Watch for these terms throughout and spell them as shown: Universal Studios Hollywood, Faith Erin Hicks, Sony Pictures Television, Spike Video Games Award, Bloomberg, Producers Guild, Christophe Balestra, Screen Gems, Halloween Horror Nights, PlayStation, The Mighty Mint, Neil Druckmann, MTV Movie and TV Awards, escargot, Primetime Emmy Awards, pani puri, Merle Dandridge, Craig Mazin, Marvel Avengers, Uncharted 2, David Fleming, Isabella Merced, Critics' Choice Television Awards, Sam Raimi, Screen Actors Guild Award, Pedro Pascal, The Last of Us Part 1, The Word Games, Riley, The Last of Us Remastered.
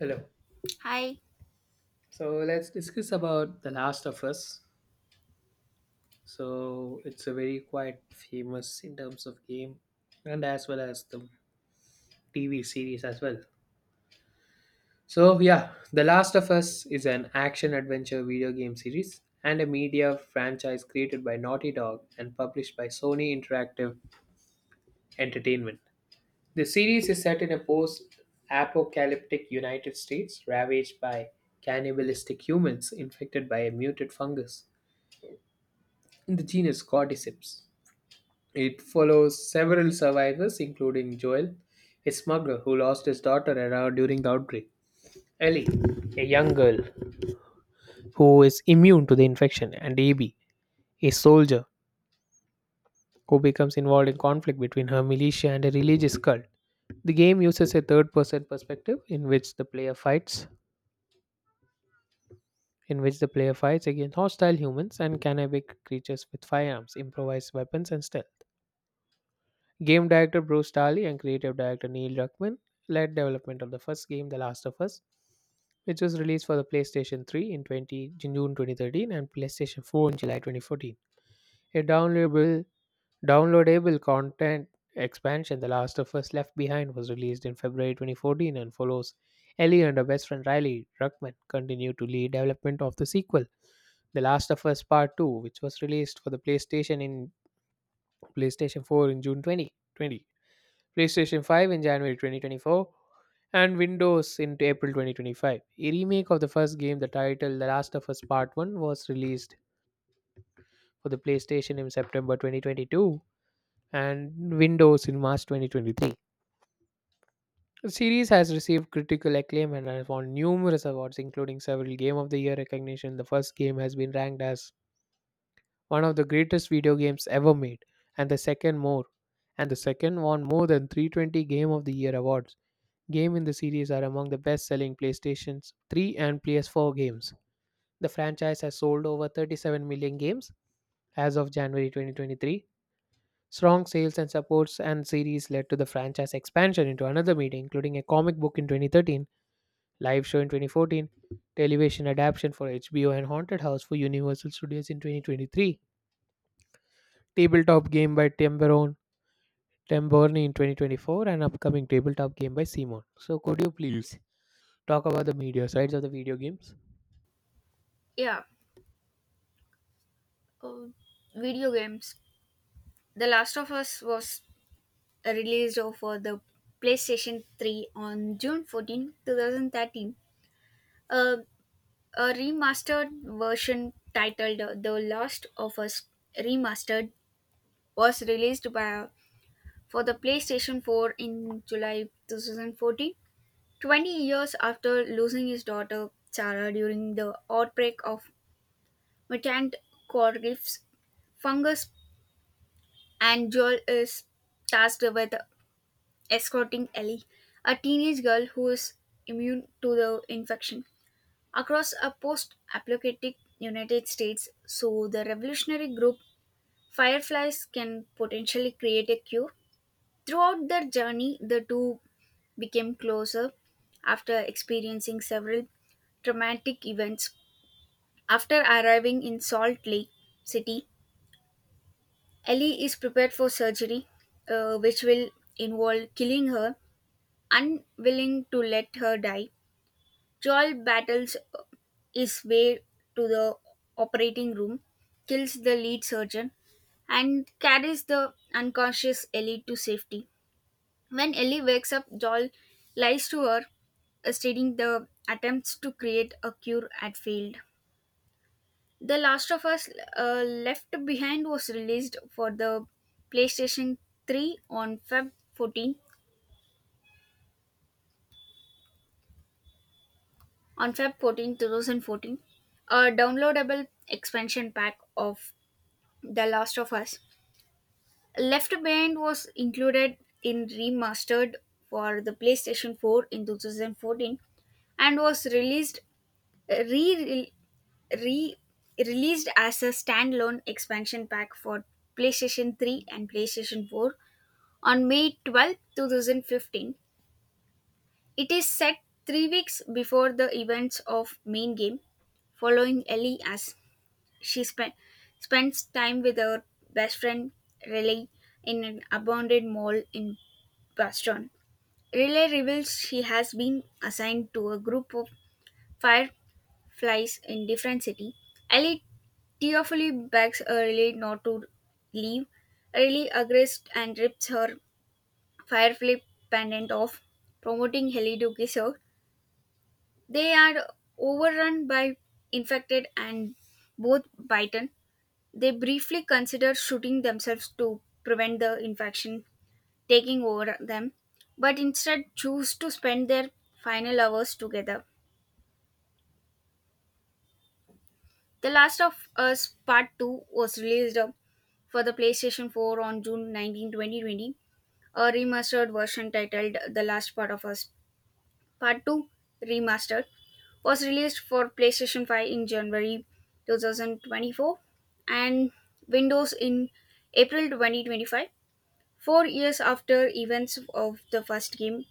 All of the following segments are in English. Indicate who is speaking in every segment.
Speaker 1: Hello.
Speaker 2: Hi,
Speaker 1: So let's discuss about The Last of Us. So it's a very quite famous in terms of game and as well as the TV series as well. So yeah, The Last of Us is an action adventure video game series and a media franchise created by Naughty Dog and published by Sony Interactive Entertainment. The series is set in a post-apocalyptic United States ravaged by cannibalistic humans infected by a mutant fungus in the genus Cordyceps. It follows several survivors, including Joel, a smuggler who lost his daughter around during the outbreak; Ellie, a young girl who is immune to the infection; and Abby, a soldier who becomes involved in conflict between her militia and a religious cult. The game uses a third-person perspective in which the player fights in which the player fights against hostile humans and cannibal creatures with firearms, improvised weapons, and stealth. Game director Bruce Daly and creative director Neil Druckmann led development of the first game, The Last of Us, which was released for the PlayStation 3 in June 2013 and PlayStation 4 in July 2014. A downloadable content expansion, The Last of Us Left Behind, was released in February 2014 and follows Ellie and her best friend Riley. Druckmann continued to lead development of the sequel, The Last of Us Part 2, which was released for the PlayStation 4 in June 2020, PlayStation 5 in January 2024, and Windows in April 2025. A remake of the first game, the title The Last of Us Part 1, was released for the PlayStation in September 2022 and Windows in March 2023. The series has received critical acclaim and has won numerous awards, including several Game of the Year recognition. The first game has been ranked as one of the greatest video games ever made, and and the second won more than 320 Game of the Year awards. Games in the series are among the best selling PlayStation 3 and PS4 games. The franchise has sold over 37 million games as of January 2023. Strong sales and supports and series led to the franchise expansion into another media, including a comic book in 2013, live show in 2014, television adaptation for HBO and Haunted House for Universal Studios in 2023, tabletop game by Tim Burney in 2024, and upcoming tabletop game by Simon. So, could you please talk about the media sides of the video games?
Speaker 2: yeah, uh, video games. The Last of Us was released for the PlayStation 3 on June 14, 2013. Uh, a remastered version titled The Last of Us Remastered was released for the PlayStation 4 in July 2014, 20 years after losing his daughter Sarah during the outbreak of mutant cordyceps fungus, and Joel is tasked with escorting Ellie, a teenage girl who is immune to the infection, across a post apocalyptic United States so the revolutionary group Fireflies can potentially create a cure. Throughout their journey, the two became closer after experiencing several traumatic events. After arriving in Salt Lake City, Ellie is prepared for surgery, which will involve killing her. Unwilling to let her die, Joel battles his way to the operating room, kills the lead surgeon, and carries the unconscious Ellie to safety. When Ellie wakes up, Joel lies to her, stating the attempts to create a cure had failed. The Last of Us Left Behind was released for the PlayStation 3 on Feb 14, 2014. A downloadable expansion pack of The Last of Us Left Behind was included in remastered for the PlayStation 4 in 2014, and was released re re released as a standalone expansion pack for PlayStation 3 and PlayStation 4 on May 12, 2015. It is set 3 weeks before the events of main game, following Ellie as She spent spends time with her best friend Riley in an abandoned mall in Boston. Riley reveals she has been assigned to a group of fireflies in different city. Ellie tearfully begs Riley not to leave. Riley agrees and rips her firefly pendant off, promoting Ellie to kiss her. They are overrun by infected and both bitten. They briefly consider shooting themselves to prevent the infection taking over them, but instead choose to spend their final hours together. The Last of Us Part 2 was released for the PlayStation 4 on June 19, 2020. A remastered version titled The Last Part of Us Part 2 Remastered was released for PlayStation 5 in January 2024, and Windows in April 2025. 4 years after events of the first game,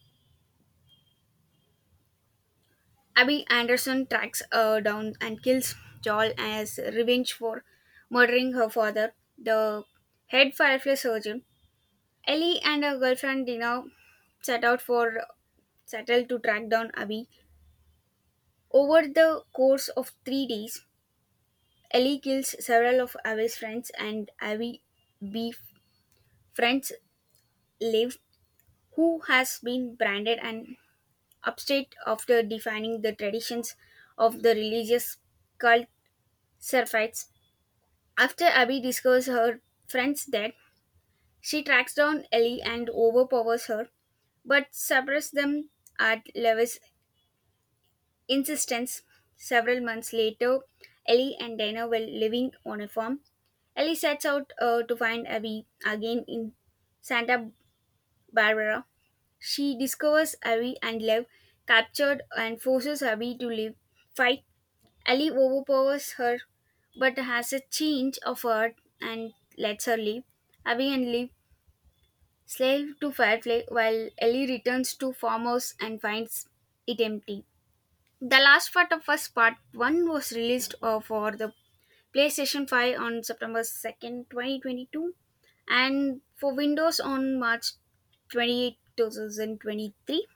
Speaker 2: Abby Anderson tracks her down and kills Joel as revenge for murdering her father, the head firefly surgeon. Ellie and her girlfriend Dina set out for settle to track down Abby. Over the course of 3 days, Ellie kills several of Abby's friends, and Abby befriends Liv, who has been branded an upstate after defining the traditions of the religious cult Seraphites. After Abby discovers her friend's dead, she tracks down Ellie and overpowers her, but suppresses them at Levis' insistence. Several months later, Ellie and Dana were living on a farm. Ellie sets out to find Abby again in Santa Barbara. She discovers Abby and Lev captured and forces Abby to live fight. Ellie overpowers her but has a change of heart and lets her leave. Abby and Lee slave to Firefly while Ellie returns to farmhouse and finds it empty. The last part of us part 1 was released for the PlayStation 5 on September 2nd, 2022, and for Windows on March 28, 2023.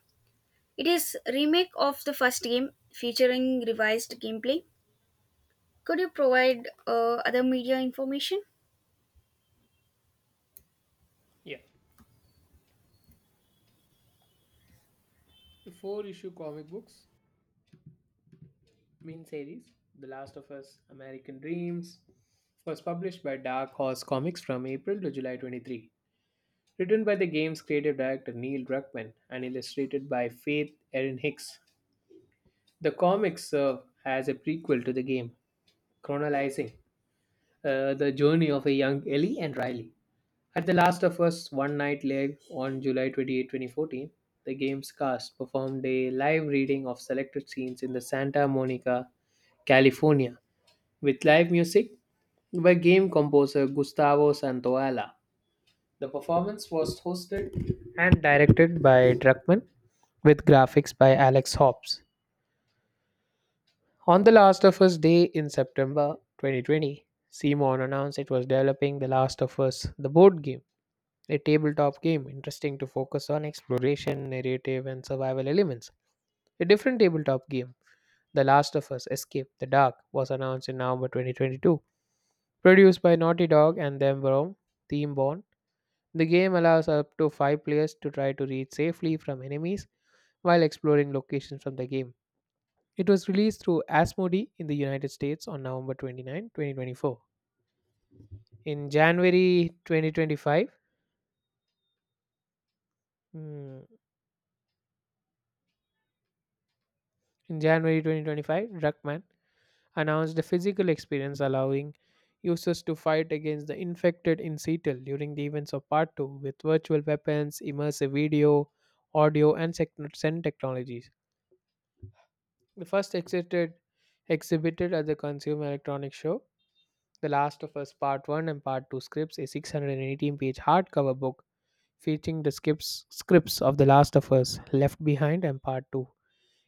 Speaker 2: It is remake of the first game featuring revised gameplay. Could you provide other media information?
Speaker 1: Yeah, the four issue comic books, main series The Last of Us, American Dreams, was published by Dark Horse Comics from April to July 23, written by the game's creative director Neil Druckmann and illustrated by Faith Erin Hicks. The comics serve as a prequel to the game, chronicling the journey of a young Ellie and Riley. At the Last of Us One Night Live on July 28, 2014, the game's cast performed a live reading of selected scenes in the Santa Monica, California, with live music by game composer Gustavo Santaolalla. The performance was hosted and directed by Druckmann, with graphics by Alex Hobbs. On The Last of Us Day in September 2020, Simon announced it was developing The Last of Us, the board game, a tabletop game interesting to focus on exploration, narrative, and survival elements. A different tabletop game, The Last of Us Escape the Dark, was announced in November 2022. Produced by Naughty Dog and them from Team Bond. The game allows up to five players to try to reach safely from enemies while exploring locations from the game. It was released through Asmodee in the United States on November 29, 2024. In January 2025, mm, Druckmann announced a physical experience allowing users to fight against the infected in Seattle during the events of Part 2 with virtual weapons, immersive video, audio, and send technologies. The first exited exhibited at the Consumer Electronics Show. The Last of Us Part 1 and Part 2 scripts, a 618-page hardcover book featuring the scripts of The Last of Us Left Behind and Part 2,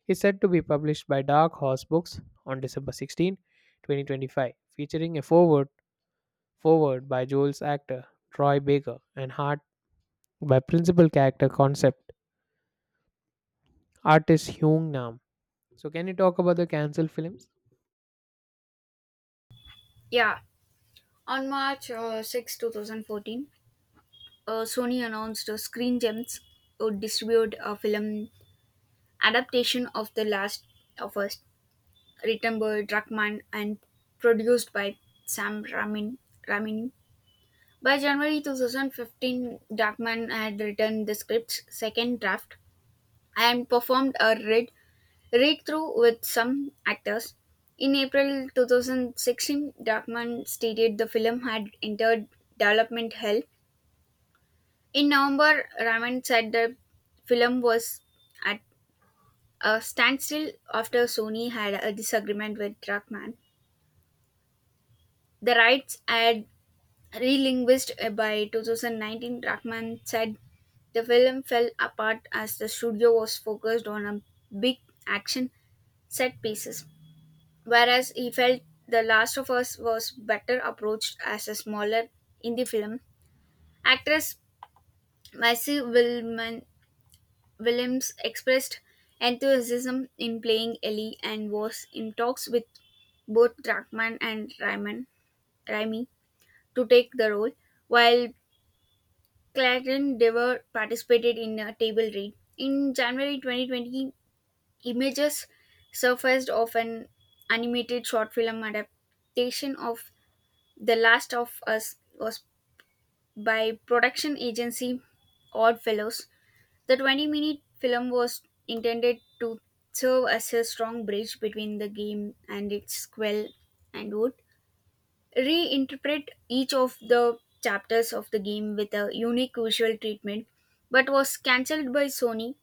Speaker 1: is said to be published by Dark Horse Books on December 16, 2025, featuring a foreword by Joel's actor Troy Baker and art by principal character concept artist Hyung Nam. So, can you talk about the canceled films?
Speaker 2: Yeah, on March 6, 2014, Sony announced Screen Gems would distribute a film adaptation of The Last of Us, written by Druckmann and produced by Sam Ramin. Ramin. By January 2015, Darkman had written the script's second draft and performed a read through with some actors. In April 2016, Darkman stated the film had entered development hell. In November, Raman said the film was at a standstill after Sony had a disagreement with Darkman. The rights had relinquished by 2019. Darkman said the film fell apart as the studio was focused on a big action set pieces, whereas he felt The Last of Us was better approached as a smaller indie film. Actress Maisie Williams expressed enthusiasm in playing Ellie and was in talks with both Druckmann and Raimi to take the role, while Clarence Dever participated in a table read. In January 2020, images surfaced of an animated short film adaptation of The Last of Us was by production agency Oddfellows. The 20-minute film was intended to serve as a strong bridge between the game and its sequel, and would reinterpret each of the chapters of the game with a unique visual treatment, but was cancelled by Sony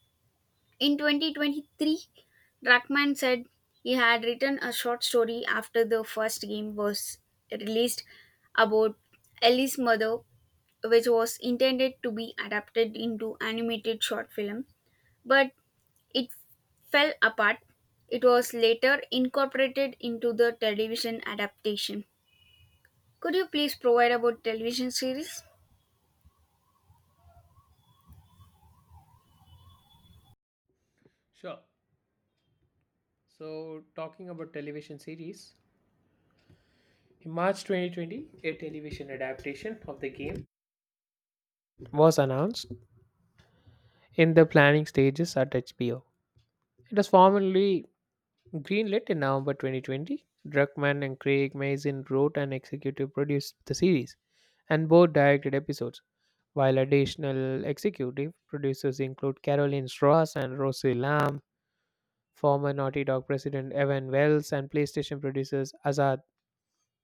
Speaker 2: in 2023. Druckmann said he had written a short story after the first game was released about Ellie's mother, which was intended to be adapted into animated short film, but it fell apart. It was later incorporated into the television adaptation. Could you please provide about television series?
Speaker 1: Sure. So, talking about television series, in March 2020, a television adaptation of the game was announced in the planning stages at HBO. It was formally greenlit in November 2020. Druckmann and Craig Mazin wrote and executive produced the series, and both directed episodes, while additional executive producers include Caroline Strauss and Rosie Lam, former Naughty Dog president Evan Wells, and PlayStation producers Azad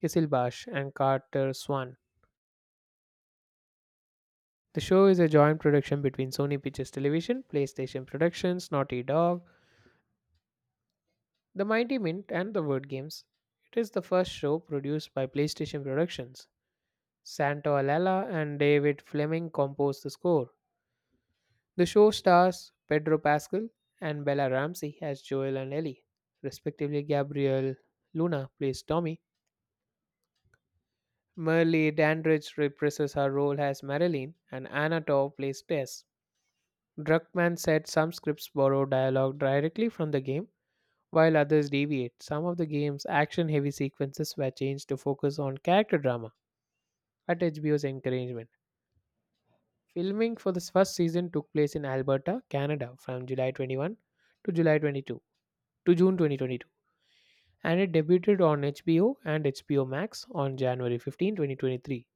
Speaker 1: Kishilbash and Carter Swan. The show is a joint production between Sony Pictures Television, PlayStation Productions, Naughty Dog, The Mighty Mint, and The Word Games. It is the first show produced by PlayStation Productions. Santo Alala and David Fleming composed the score. The show stars Pedro Pascal and Bella Ramsey as Joel and Ellie respectively. Gabriel Luna plays Tommy, Merle Dandridge reprises her role as Marilyn, and Anna Tao plays Tess. Druckmann said some scripts borrow dialogue directly from the game, while others deviate. Some of the game's action heavy sequences were changed to focus on character drama at HBO's encouragement. Filming for the first season took place in Alberta, Canada from July 21 to July 22 to June 2022, and it debuted on HBO and HBO Max on January 15, 2023.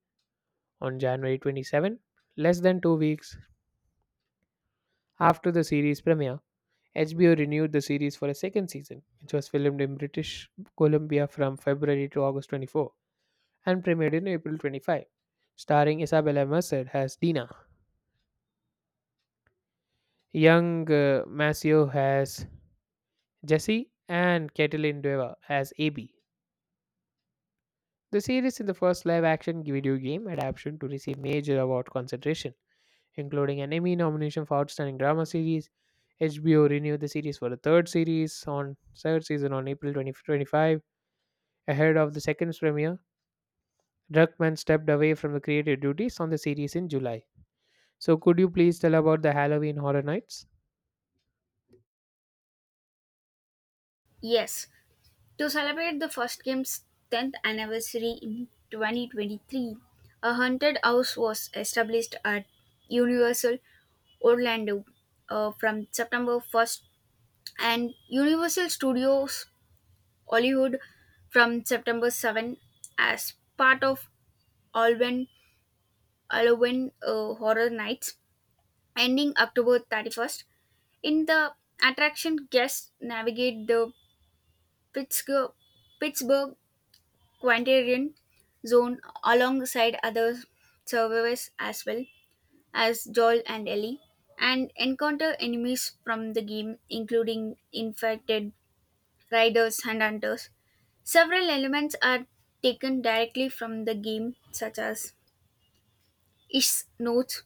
Speaker 1: On January 27, less than 2 weeks after the series premiere, HBO renewed the series for a second season, which was filmed in British Columbia from February to August 24 and premiered in April 25, starring Isabella Merced as Dina, young Maceo as Jesse, and Caitlin Deva as AB. The series is the first live action video game adaptation to receive major award consideration, including an Emmy nomination for Outstanding Drama Series. HBO renewed the series for a third season on April 2025, ahead of the second premiere. Druckmann stepped away from the creative duties on the series in July. So, could you please tell about the Halloween Horror Nights?
Speaker 2: Yes. To celebrate the first game's 10th anniversary in 2023, a haunted house was established at Universal Orlando from September 1st, and Universal Studios Hollywood from September 7, as part of Alwyn Halloween Horror Nights, ending October 31st. In the attraction, guests navigate the Pittsburgh Pittsburgh Quaternion zone alongside other survivors as well as Joel and Ellie, and encounter enemies from the game, including infected riders and hunters. Several elements are taken directly from the game, such as Ish's notes.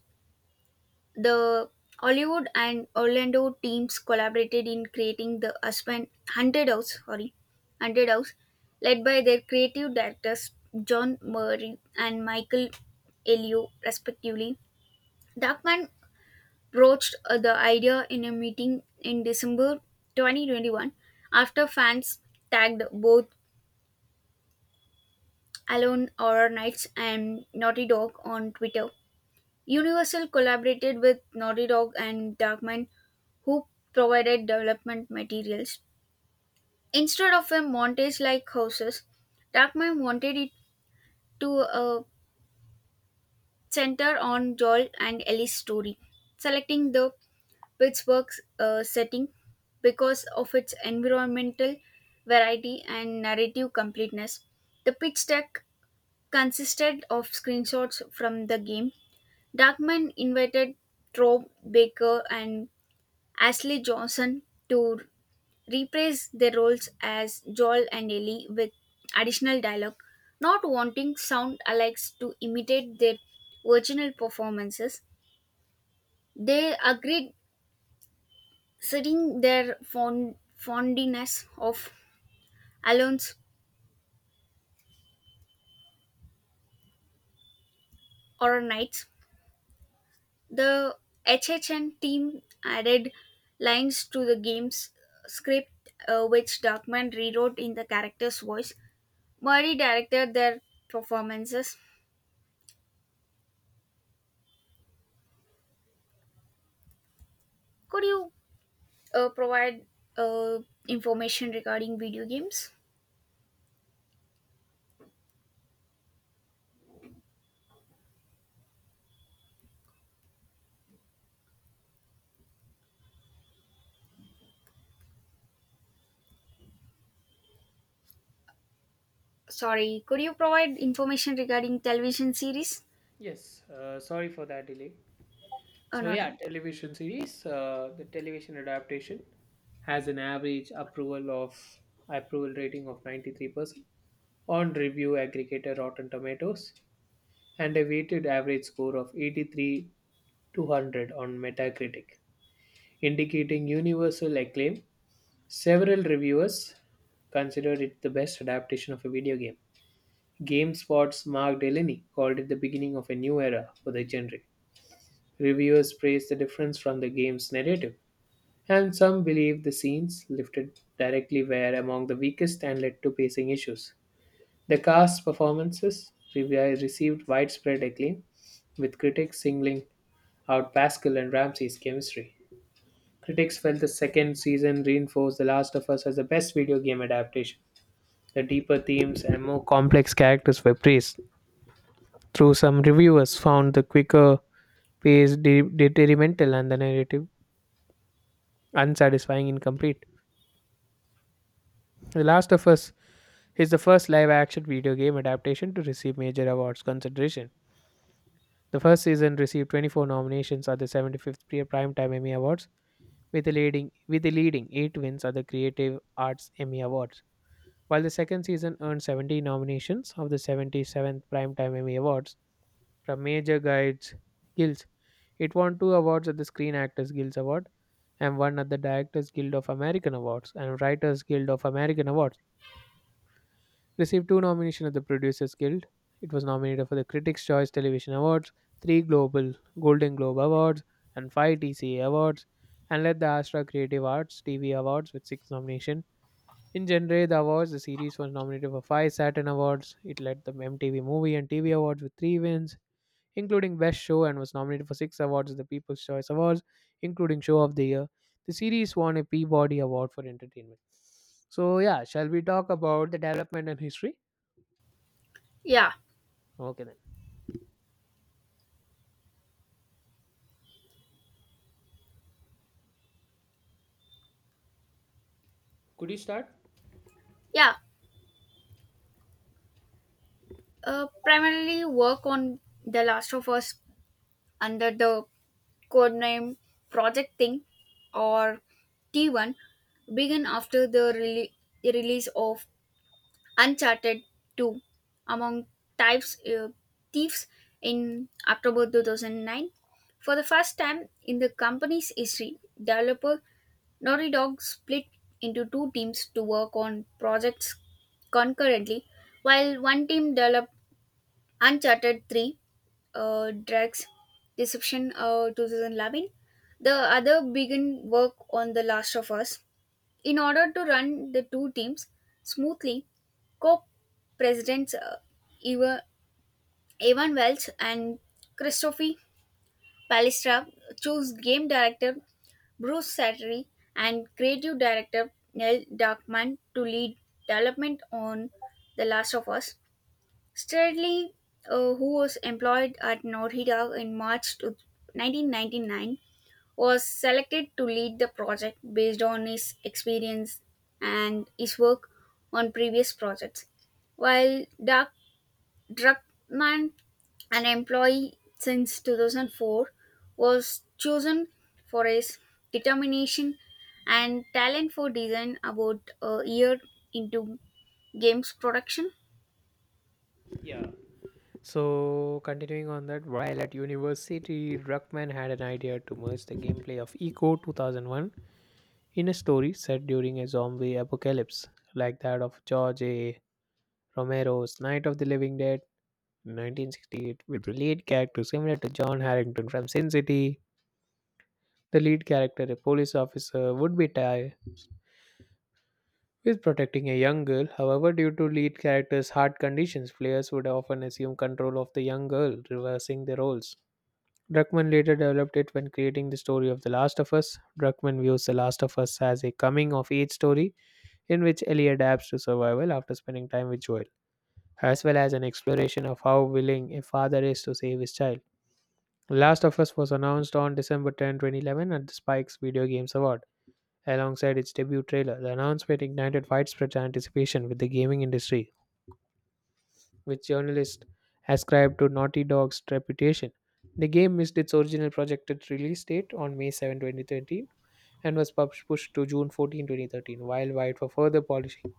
Speaker 2: The Hollywood and Orlando teams collaborated in creating the Aspen Haunted House, sorry, Haunted House, led by their creative directors John Murray and Michael Elio, respectively. Darkman broached the idea in a meeting in December 2021, after fans tagged both Alone Horror Nights and Naughty Dog on Twitter. Universal collaborated with Naughty Dog and Darkman, who provided development materials. Instead of a montage like Houses, Darkman wanted it to center on Joel and Ellie's story, selecting the Pittsburgh setting because of its environmental variety and narrative completeness. The pitch deck consisted of screenshots from the game. Darkman invited Troy Baker and Ashley Johnson to reprise their roles as Joel and Ellie with additional dialogue, not wanting sound alikes to imitate their original performances. They agreed, citing their fondness of Alon's Horror Nights. The HHN team added lines to the game's script, which Darkman rewrote in the character's voice. Murray directed their performances. Could you provide uh, information regarding video games? Sorry, could you provide information regarding television series?
Speaker 1: Yes, sorry for that delay.
Speaker 2: Oh,
Speaker 1: So
Speaker 2: not.
Speaker 1: yeah,
Speaker 2: in-
Speaker 1: television series, the television adaptation has an average approval of approval rating of 93% on review aggregator Rotten Tomatoes and a weighted average score of 83 to 100 on Metacritic, indicating universal acclaim. Several reviewers considered it the best adaptation of a video game. GameSpot's Mark Delaney called it the beginning of a new era for the genre. Reviewers praised the difference from the game's narrative, and some believed the scenes lifted directly were among the weakest and led to pacing issues. The cast's performances received widespread acclaim, with critics singling out Pascal and Ramsey's chemistry. Critics felt the second season reinforced The Last of Us as the best video game adaptation. The deeper themes and more complex characters were praised, though some reviewers found the quicker pace detrimental and the narrative unsatisfying and incomplete. The Last of Us is the first live action video game adaptation to receive major awards consideration. The first season received 24 nominations at the 75th Primetime Emmy Awards, with the leading 8 wins at the Creative Arts Emmy Awards, while the second season earned 70 nominations of the 77th Primetime Emmy Awards, from major guides guilds. It won two awards at the Screen Actors Guild Award and one at the Directors Guild of American Awards and Writers Guild of American Awards. Received two nominations at the Producers Guild. It was nominated for the Critics' Choice Television Awards, three Global Golden Globe Awards, and five TCA Awards, and led the Astra Creative Arts TV Awards with six nominations. In general, the awards, the series was nominated for five Saturn Awards. It led the MTV Movie and TV Awards with three wins including Best Show, and was nominated for six awards at the People's Choice Awards, including Show of the Year. The series won a Peabody Award for Entertainment. So, yeah, shall we talk about the development and history?
Speaker 2: Yeah,
Speaker 1: Okay, then. Could you start?
Speaker 2: yeah. Primarily work on The Last of Us under the code name Project Thing or T1 began after the release of Uncharted 2 among types, thieves, in October 2009. For the first time in the company's history, developer Naughty Dog split into two teams to work on projects concurrently. While one team developed Uncharted 3, Drax Deception 2011, the other began work on The Last of Us. In order to run the two teams smoothly, co presidents Eva- Evan Welch and Christophe Palestra chose game director Bruce Sattery and creative director Neil Darkman to lead development on The Last of Us. Stradley, who was employed at Naughty Dog in March 1999, was selected to lead the project based on his experience and his work on previous projects. While Doug Druckmann, an employee since 2004, was chosen for his determination and talent for design about a year into games production.
Speaker 1: Yeah. So, continuing on that, while at university, Druckmann had an idea to merge the gameplay of Eco 2001 in a story set during a zombie apocalypse like that of George A. Romero's Night of the Living Dead 1968 with the lead character similar to John Harrington from Sin City. The lead character, a police officer, would be tied with protecting a young girl. However, due to lead character's heart conditions, players would often assume control of the young girl, reversing the roles. Druckmann later developed it when creating the story of The Last of Us. Druckmann views The Last of Us as a coming of age story in which Ellie adapts to survival after spending time with Joel, as well as an exploration of how willing a father is to save his child. Last of Us was announced on December 10, 2011 at the Spikes Video Games Award. Alongside its debut trailer, the announcement ignited widespread anticipation with the gaming industry, which journalists ascribed to Naughty Dog's reputation. The game missed its original projected release date on May 7, 2013 and was pushed to June 14, 2013, while wide for further polishing.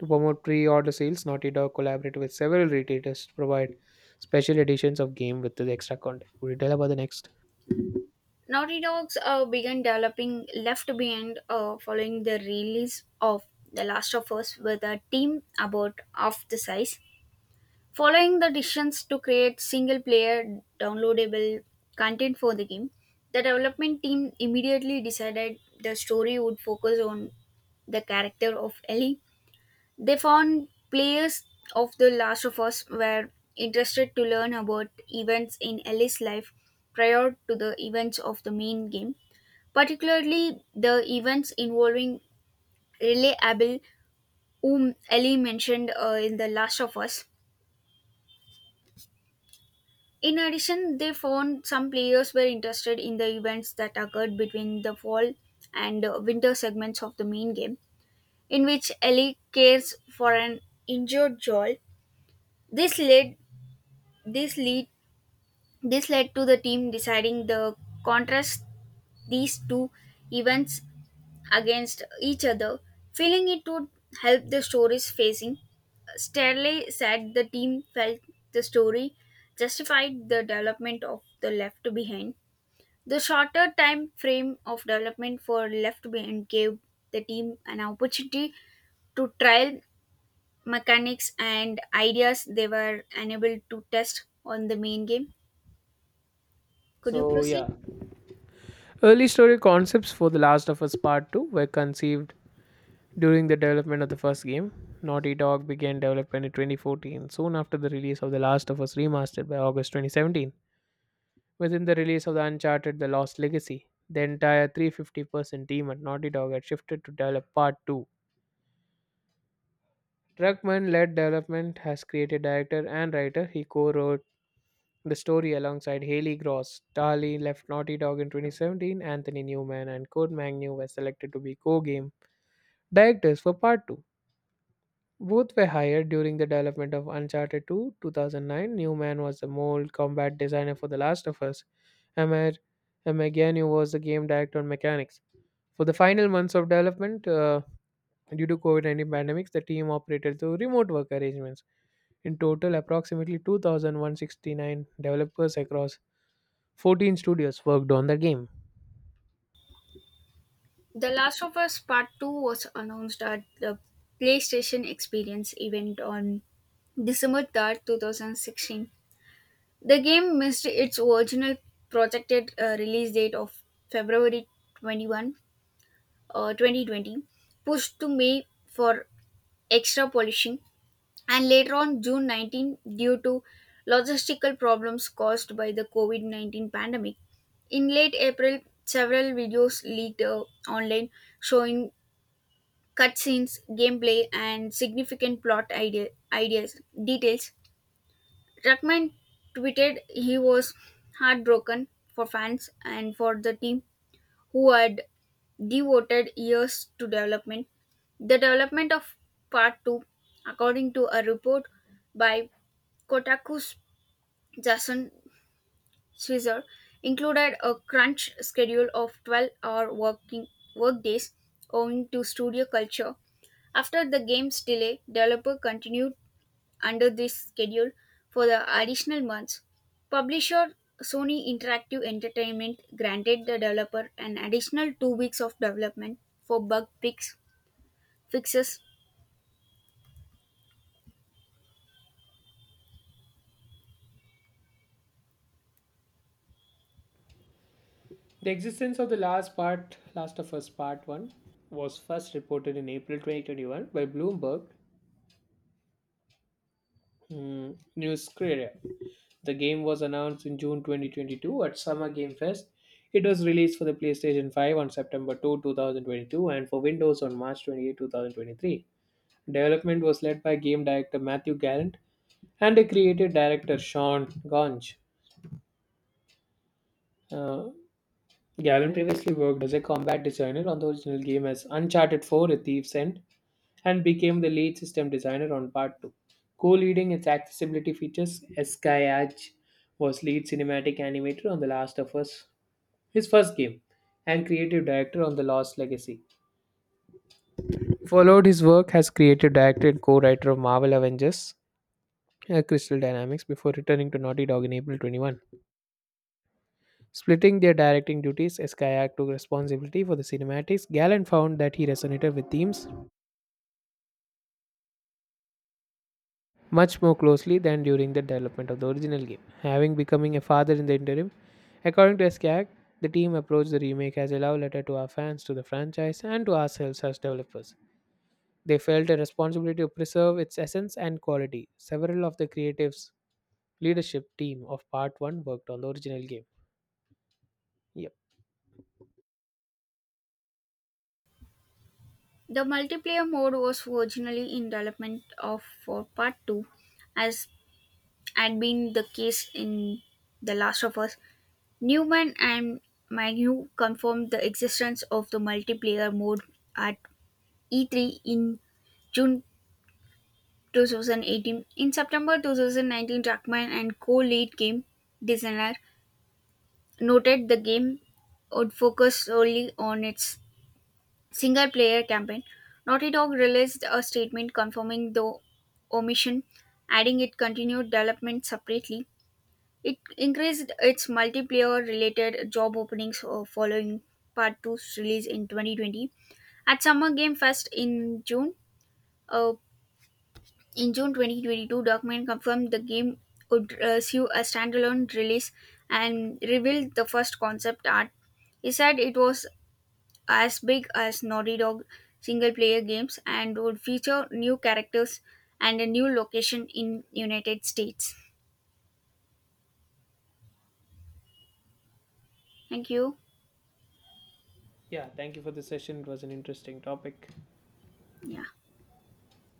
Speaker 1: To promote pre-order sales, Naughty Dog collaborated with several retailers to provide special editions of game with the extra content. Would you tell about the next?
Speaker 2: Naughty Dogs began developing Left Behind following the release of The Last of Us with a team about half the size. Following the decisions to create single player downloadable content for the game, the development team immediately decided the story would focus on the character of Ellie. They found players of The Last of Us were interested to learn about events in Ellie's life prior to the events of the main game, particularly the events involving Riley Abel, whom Ellie mentioned in The Last of Us. In addition, they found some players were interested in the events that occurred between the fall and winter segments of the main game, in which Ellie cares for an injured Joel. This led this lead This led to the team deciding the contrast these two events against each other, feeling it would help the stories facing. Stanley said the team felt the story justified the development of the left behind. The shorter time frame of development for left behind gave the team an opportunity to trial mechanics and ideas they were unable to test on the main game. Could you
Speaker 1: So
Speaker 2: proceed?
Speaker 1: yeah, early story concepts for The Last of Us Part 2 were conceived during the development of the first game. Naughty Dog began development in 2014, soon after the release of The Last of Us Remastered by August 2017. Within the release of the Uncharted The Lost Legacy, the entire 350% team at Naughty Dog had shifted to develop Part 2. Druckmann led development, has created director and writer. He co wrote the story, alongside Haley Gross. Darley left Naughty Dog in 2017. Anthony Newman and Code Magnu were selected to be co-game directors for Part 2. Both were hired during the development of Uncharted 2 2009. Newman was the mold combat designer for The Last of Us, and Meganu was the game director on mechanics. For the final months of development, due to COVID-19 pandemics, the team operated through remote work arrangements. In total, approximately 2,169 developers across 14 studios worked on the game.
Speaker 2: The Last of Us Part 2 was announced at the PlayStation Experience event on December 3rd, 2016. The game missed its original projected release date of February 21, 2020, pushed to May for extra polishing, and later on June 19 due to logistical problems caused by the COVID 19 pandemic. In late April, several videos leaked online, showing cutscenes, gameplay, and significant plot ideas details. Ruckman tweeted he was heartbroken for fans and for the team who had devoted years to development. The development of Part 2, according to a report by Kotaku's Jason Swisser, included a crunch schedule of 12-hour working workdays owing to studio culture. After the game's delay, developer continued under this schedule for the additional months. Publisher Sony Interactive Entertainment granted the developer an additional 2 weeks of development for bug fixes.
Speaker 1: The existence of the Last of Us Part 1 was first reported in April 2021 by Bloomberg News Courier. The game was announced in June 2022 at Summer Game Fest. It was released for the PlayStation 5 on September 2, 2022 and for Windows on March 28, 2023. Development was led by game director Matthew Gallant and a creative director Sean Gonch. Uh, Gavin previously worked as a combat designer on the original game as Uncharted 4: A Thief's End and became the lead system designer on Part 2. Co-leading its accessibility features, Skyage was lead cinematic animator on The Last of Us, his first game, and creative director on The Lost Legacy. Followed his work as creative director and co-writer of Marvel Avengers, Crystal Dynamics, before returning to Naughty Dog in April 21. Splitting their directing duties, Skyak took responsibility for the cinematics. Gallen found that he resonated with themes much more closely than during the development of the original game. Having becoming a father in the interim, according to Skyak, the team approached the remake as a love letter to our fans, to the franchise, and to ourselves as developers. They felt a responsibility to preserve its essence and quality. Several of the creatives' leadership team of Part 1 worked on the original game. Yep.
Speaker 2: The multiplayer mode was originally in development of for Part 2 as had been the case in The Last of Us. Newman and Magnew confirmed the existence of the multiplayer mode at E3 in June 2018. In September 2019, Druckmann and co lead game designer noted the game would focus solely on its single player campaign. Naughty Dog released a statement confirming the omission, adding it continued development separately. It increased its multiplayer related job openings following Part Two's release in 2020. At Summer Game Fest in June, uh, in June 2022, Darkman confirmed the game would receive a standalone release and revealed the first concept art. He said it was as big as Naughty Dog single player games and would feature new characters and a new location in United States. Thank you.
Speaker 1: Yeah, thank you for the session. It was an interesting topic.
Speaker 2: Yeah.